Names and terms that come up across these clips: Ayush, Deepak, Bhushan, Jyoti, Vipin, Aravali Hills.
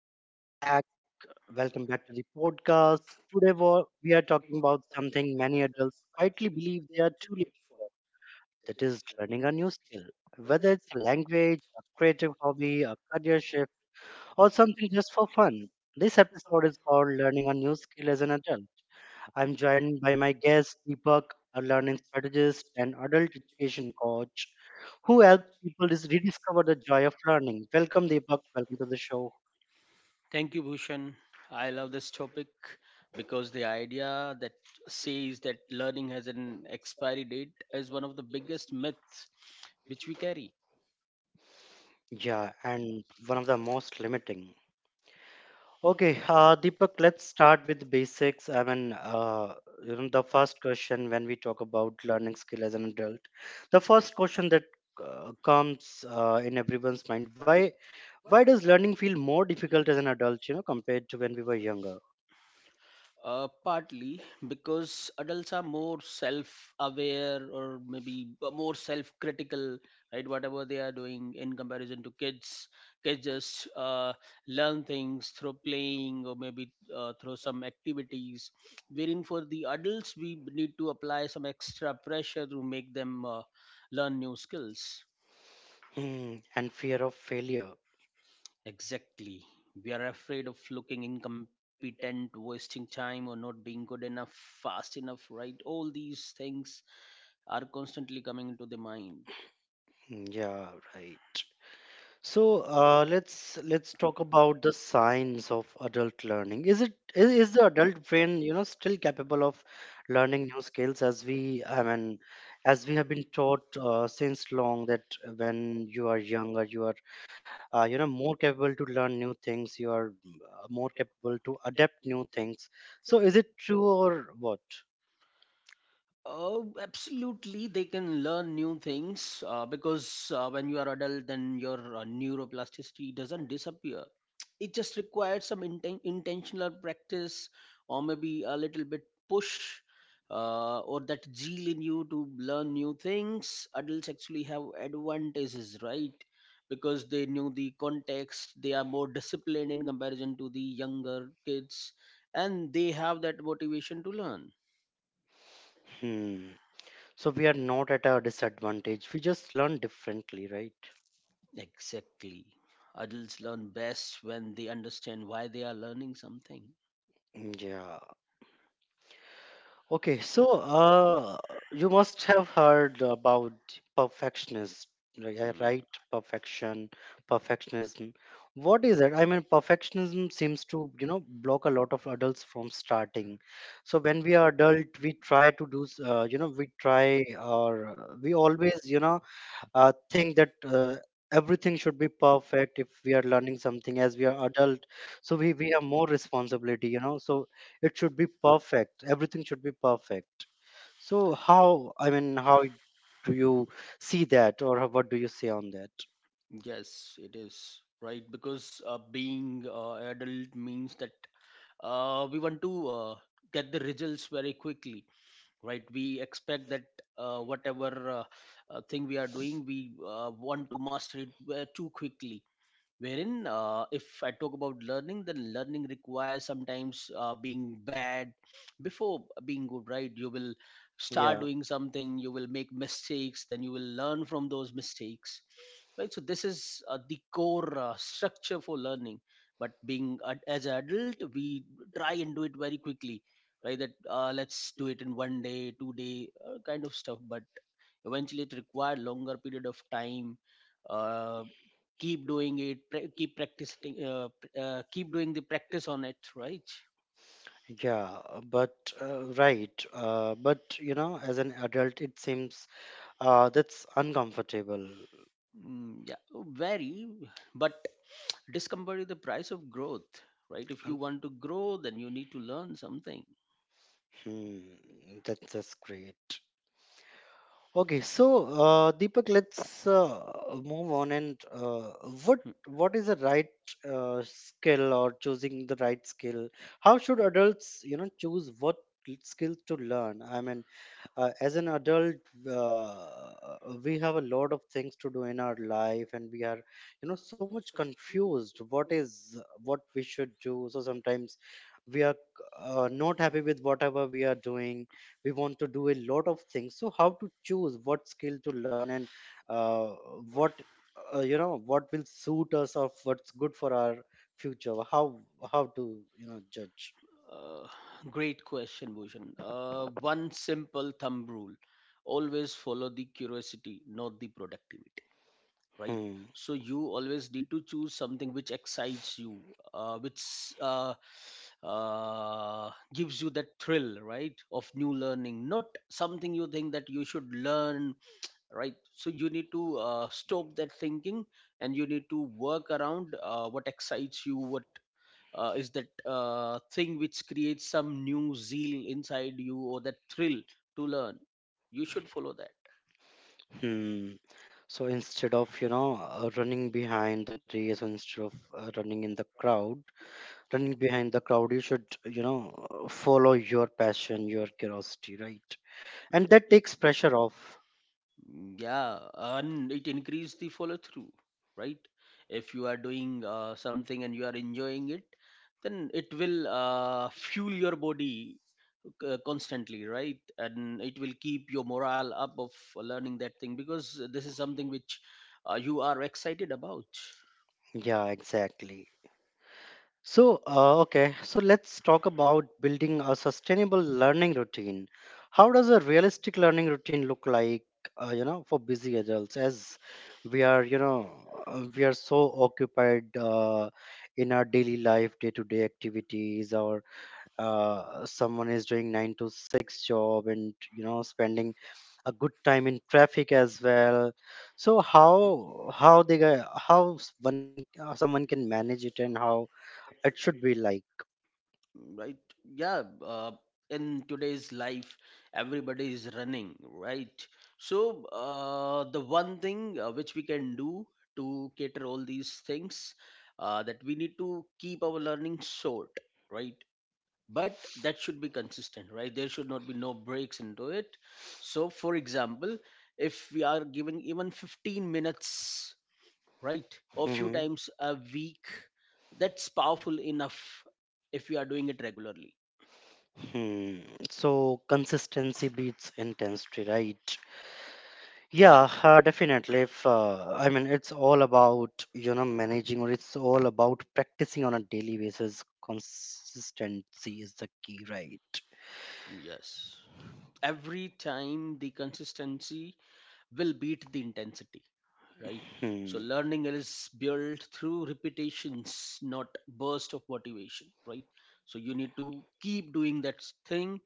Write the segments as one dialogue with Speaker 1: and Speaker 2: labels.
Speaker 1: welcome back. Welcome back to the podcast. Today we are talking about something many adults quietly believe they are too late. That is learning a new skill. Whether it's a language, a creative hobby, a career shift, or something just for fun. This episode is called Learning a New Skill as an Adult. I'm joined by my guest Deepak, a learning strategist and adult education coach who helps people rediscover the joy of learning. Welcome Deepak, welcome to the show.
Speaker 2: Thank you, Bhushan. I love this topic because the idea that says that learning has an expiry date is one of the biggest myths which we carry.
Speaker 1: Yeah, and one of the most limiting. Okay, Deepak, let's start with basics. I mean, you know, the first question when we talk about learning skill as an adult, the first question that comes in everyone's mind: why does learning feel more difficult as an adult, you know, compared to when we were younger?
Speaker 2: Partly because adults are more self-aware or maybe more self-critical, right? Whatever they are doing in comparison to kids, kids just learn things through playing or maybe through some activities. Wherein for the adults, we need to apply some extra pressure to make them learn new skills.
Speaker 1: Hmm, and fear of failure.
Speaker 2: Exactly. We are afraid of looking incompetent, wasting time, or not being good enough, fast enough, right? All these things are constantly coming into the mind.
Speaker 1: Hmm, yeah, right. So let's talk about the signs of adult learning. Is the adult brain, you know, still capable of learning new skills as we I mean, as we have been taught since long that when you are younger you are you know, more capable to learn new things, you are more capable to adapt new things. So is it true or what?
Speaker 2: Oh, absolutely. They can learn new things because when you are adult, then your neuroplasticity doesn't disappear. It just requires some intentional practice, or maybe a little bit push, or that zeal in you to learn new things. Adults actually have advantages, right? Because they knew the context, they are more disciplined in comparison to the younger kids, and they have that motivation to learn.
Speaker 1: Hmm. So we are not at a disadvantage. We just learn differently, right?
Speaker 2: Exactly. Adults learn best when they understand why they are learning something.
Speaker 1: Mm, yeah. Okay, so you must have heard about perfectionist,
Speaker 2: Hmm.
Speaker 1: right? Perfection, perfectionism. What is it? I mean, perfectionism seems to block a lot of adults from starting. So when we are adult, we try to do, we try or we always, think that everything should be perfect if we are learning something as we are adult, so we have more responsibility, you know, so it should be perfect. Everything should be perfect. So how, I mean, how do you see that, or what do you say on that?
Speaker 2: Yes, it is right because being adult means that we want to get the results very quickly, right? We expect that whatever thing we are doing, we want to master it too quickly. Wherein, if I talk about learning, then learning requires sometimes being bad before being good, right? You will start
Speaker 1: Yeah,
Speaker 2: doing something, you will make mistakes, then you will learn from those mistakes, right. So this is the core structure for learning. But as an adult, we try and do it very quickly. Right, that let's do it in one day, two day, kind of stuff. But eventually it required longer period of time. Uh, keep doing it, keep practicing, keep doing the practice on it, right.
Speaker 1: yeah, but right, but you know, as an adult it seems that's uncomfortable.
Speaker 2: Mm, yeah, very. But discomfort is the price of growth, right? If you
Speaker 1: Un-
Speaker 2: want to grow, then you need to learn something.
Speaker 1: Hmm, that's great. Okay, so Deepak, let's move on, and what is the right skill, or choosing the right skill? How should adults, you know, choose what skills to learn? I mean, as an adult, uh, we have a lot of things to do in our life, and we are, you know, so much confused. What we should do? So sometimes we are not happy with whatever we are doing. We want to do a lot of things, so how to choose what skill to learn, and uh, what, you know, what will suit us, or what's good for our future? How to, you know, judge?
Speaker 2: Uh, great question, Bhushan. One simple thumb rule: always follow the curiosity, not the productivity, right?
Speaker 1: Hmm.
Speaker 2: So you always need to choose something which excites you, which gives you that thrill, right, of new learning, not something you think that you should learn, right. So you need to stop that thinking, and you need to work around what excites you, what is that thing which creates some new zeal inside you or that thrill to learn. You should follow that.
Speaker 1: Hmm. So instead of, you know, running behind the race, or instead of running in the crowd, running behind the crowd, you should, you know, follow your passion, your curiosity, right? And that takes pressure off.
Speaker 2: Mm, yeah, and it increase the follow through, right? If you are doing something and you are enjoying it, then it will fuel your body constantly, right? And it will keep your morale up of learning that thing because this is something which you are excited about,
Speaker 1: Yeah, exactly. So, okay, so let's talk about building a sustainable learning routine. How does a realistic learning routine look like, you know, for busy adults, as we are, you know, we are so occupied in our daily life, day to day activities, or someone is doing 9-to-6 job and, you know, spending a good time in traffic as well. So how they ga- how s- one someone can manage it, and how it should be like?
Speaker 2: right. Yeah. In today's life, everybody is running, right? So the one thing which we can do to cater all these things, that we need to keep our learning short, right? But that should be consistent, right? There should not be no breaks into it. So for example, if we are giving even 15 minutes, right, or few
Speaker 1: Mhm.
Speaker 2: times a week, that's powerful enough if we are doing it regularly.
Speaker 1: Hmm. So consistency beats intensity, right? Yeah,
Speaker 2: Yeah.
Speaker 1: definitely. If I mean, it's all about managing, or it's all about practicing on a daily basis. Consistency is the key, right?
Speaker 2: Yes. Every time the consistency will beat the intensity, right?
Speaker 1: Hmm.
Speaker 2: So learning is built through repetitions, not burst of motivation, right? So you need to keep doing that thing,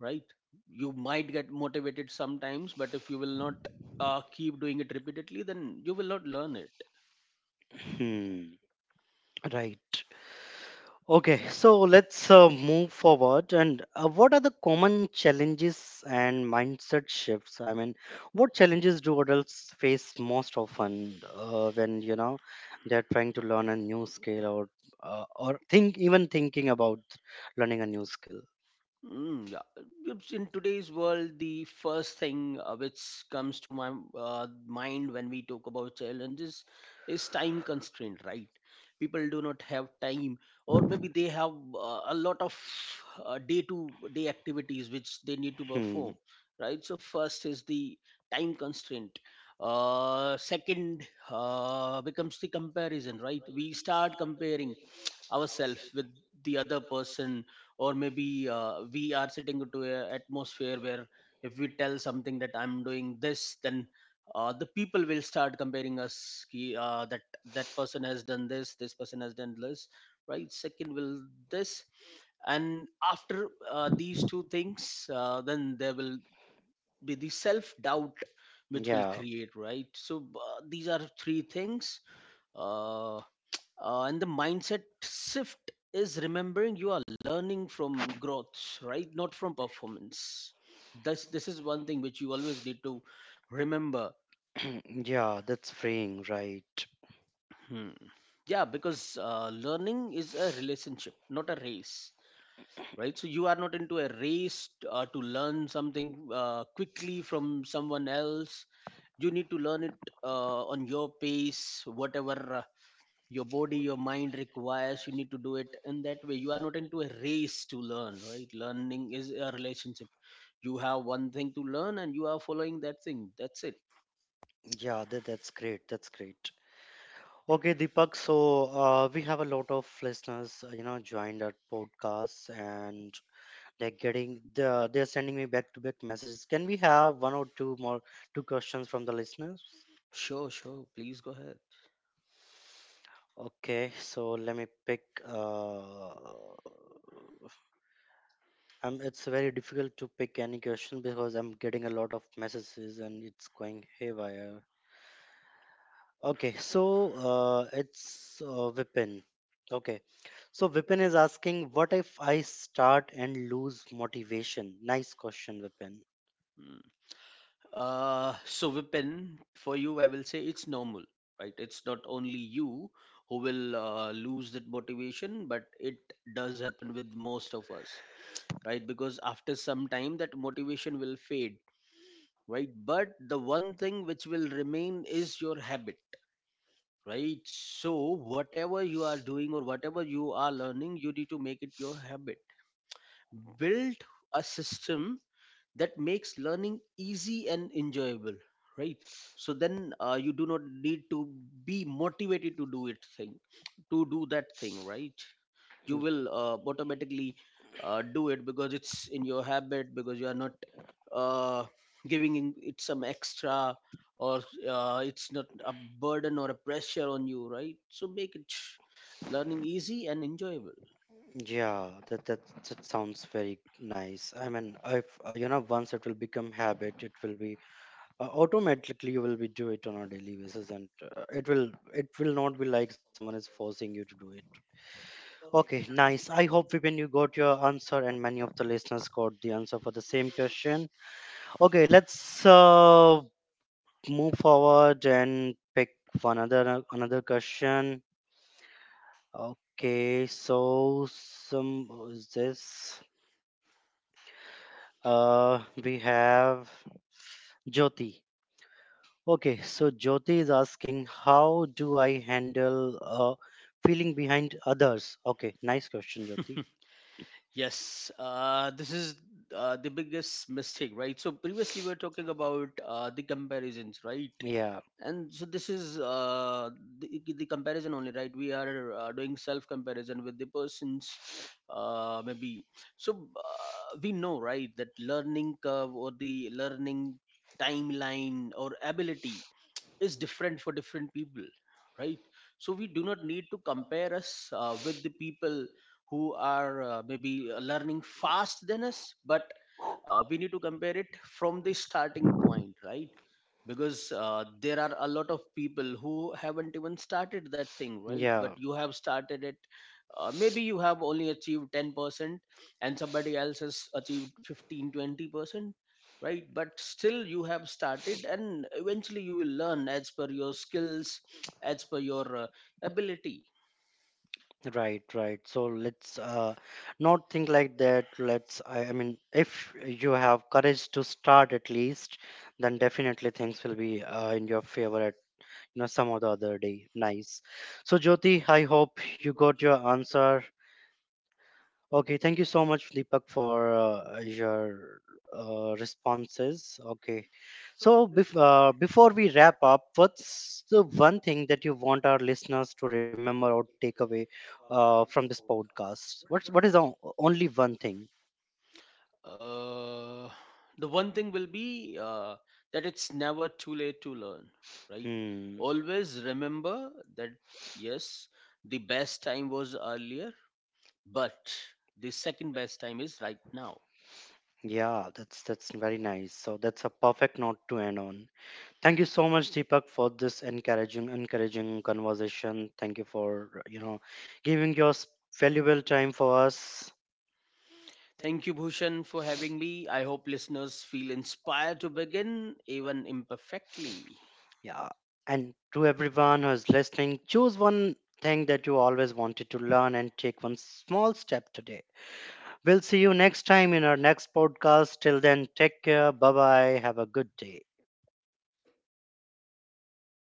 Speaker 2: right? You might get motivated sometimes, but if you will not keep doing it repeatedly, then you will not learn it.
Speaker 1: Hmm. Right. Okay, so let's move forward. And what are the common challenges and mindset shifts? I mean, what challenges do adults face most often when you know they're trying to learn a new skill, or think even thinking about learning a new skill?
Speaker 2: Mm, yeah. It's. In today's world, the first thing which comes to my mind when we talk about challenges is time constraint, right? People do not have time, or maybe they have a lot of day-to-day activities which they need to
Speaker 1: Hmm.
Speaker 2: perform, right? So first is the time constraint. Second becomes the comparison, right? We start comparing ourselves with the other person, or maybe we are sitting into a atmosphere where if we tell something that I'm doing this, then the people will start comparing us, ki, that that person has done this, this person has done this, right. Second will this. And after these two things, then there will be the self doubt which will
Speaker 1: Yeah.
Speaker 2: create, right. So these are three things. uh, uh, and the mindset shift is remembering you are learning from growth, right, not from performance. This is one thing which you always need to remember.
Speaker 1: Yeah, that's freeing, right?
Speaker 2: Hmm. Yeah, because learning is a relationship, not a race, right? So you are not into a race to learn something quickly from someone else. You need to learn it on your pace. Whatever your body, your mind requires, you need to do it in that way. You are not into a race to learn, right? Learning is a relationship. You have one thing to learn and you are following that thing, that's it.
Speaker 1: Yeah, that's great. That's great. Okay, Deepak. So we have a lot of listeners, you know, joined our podcast, and they're sending me back to back messages. Can we have one or two more two questions from the listeners?
Speaker 2: Sure, sure, please go ahead.
Speaker 1: Okay, so let me pick. It's very difficult to pick any question because I'm getting a lot of messages and it's going haywire. Okay, so it's Vipin. Okay, so Vipin is asking, what if I start and lose motivation? Nice question, Vipin.
Speaker 2: Mm. So Vipin, for you, I will say it's normal, right? It's not only you who will lose that motivation, but it does happen with most of us, right? Because after some time, that motivation will fade, right. But the one thing which will remain is your habit, right. So whatever you are doing or whatever you are learning, you need to make it your habit. Build a system that makes learning easy and enjoyable, right. So then you do not need to be motivated to do it thing to do that thing, right. You
Speaker 1: Mm,
Speaker 2: will automatically do it because it's in your habit, because you are not uh, giving in it some extra, or it's not a burden or a pressure on you, right. So make it learning easy and enjoyable.
Speaker 1: yeah, that sounds very nice. I mean, if you know, once it will become habit, it will be automatically you will be do it on a daily basis, and it will not be like someone is forcing you to do it. Okay, nice. I hope, Vipin, you got your answer, and many of the listeners got the answer for the same question. Okay, let's move forward and pick one another question. Okay, so some, who is this? We have Jyoti. Okay, so Jyoti is asking, how do I handle feeling behind others? Okay, nice question, Jyoti.
Speaker 2: Yes, this is the biggest mistake, right? So previously we were talking about the comparisons, right.
Speaker 1: Yeah,
Speaker 2: And so this is the comparison only, right? We are doing self comparison with the persons, maybe. So we know, right, that learning curve or the learning timeline or ability is different for different people, right. So we do not need to compare us with the people who are maybe learning fast than us. But we need to compare it from the starting point, right. Because there are a lot of people who haven't even started that thing, right. But
Speaker 1: yeah.
Speaker 2: you have started it. Maybe you have only achieved 10% and somebody else has achieved 15, 20%, right. But still you have started and eventually you will learn as per your skills, as per your ability.
Speaker 1: Right, right. So let's not think like that. Let's, I mean, if you have courage to start at least, then definitely things will be in your favor at, you know, some or the other day. Nice. So, Jyoti, I hope you got your answer. Okay, thank you so much, Flipak, for your responses. Okay, so before we wrap up, what's the one thing that you want our listeners to remember or take away from this podcast? What is the only one thing?
Speaker 2: Uh, the one thing will be that it's never too late to learn, right?
Speaker 1: Hmm.
Speaker 2: Always remember that yes, the best time was earlier, but the second best time is right now.
Speaker 1: Yeah, that's very nice. So that's a perfect note to end on. Thank you so much, Deepak, for this encouraging conversation. Thank you for, you know, giving your valuable time for us.
Speaker 2: Thank you, Bhushan, for having me. I hope listeners feel inspired to begin, even imperfectly.
Speaker 1: Yeah, and to everyone who is listening, choose one thing that you always wanted to learn and take one small step today. We'll see you next time in our next podcast. Till then, take care. Bye bye. Have a good day.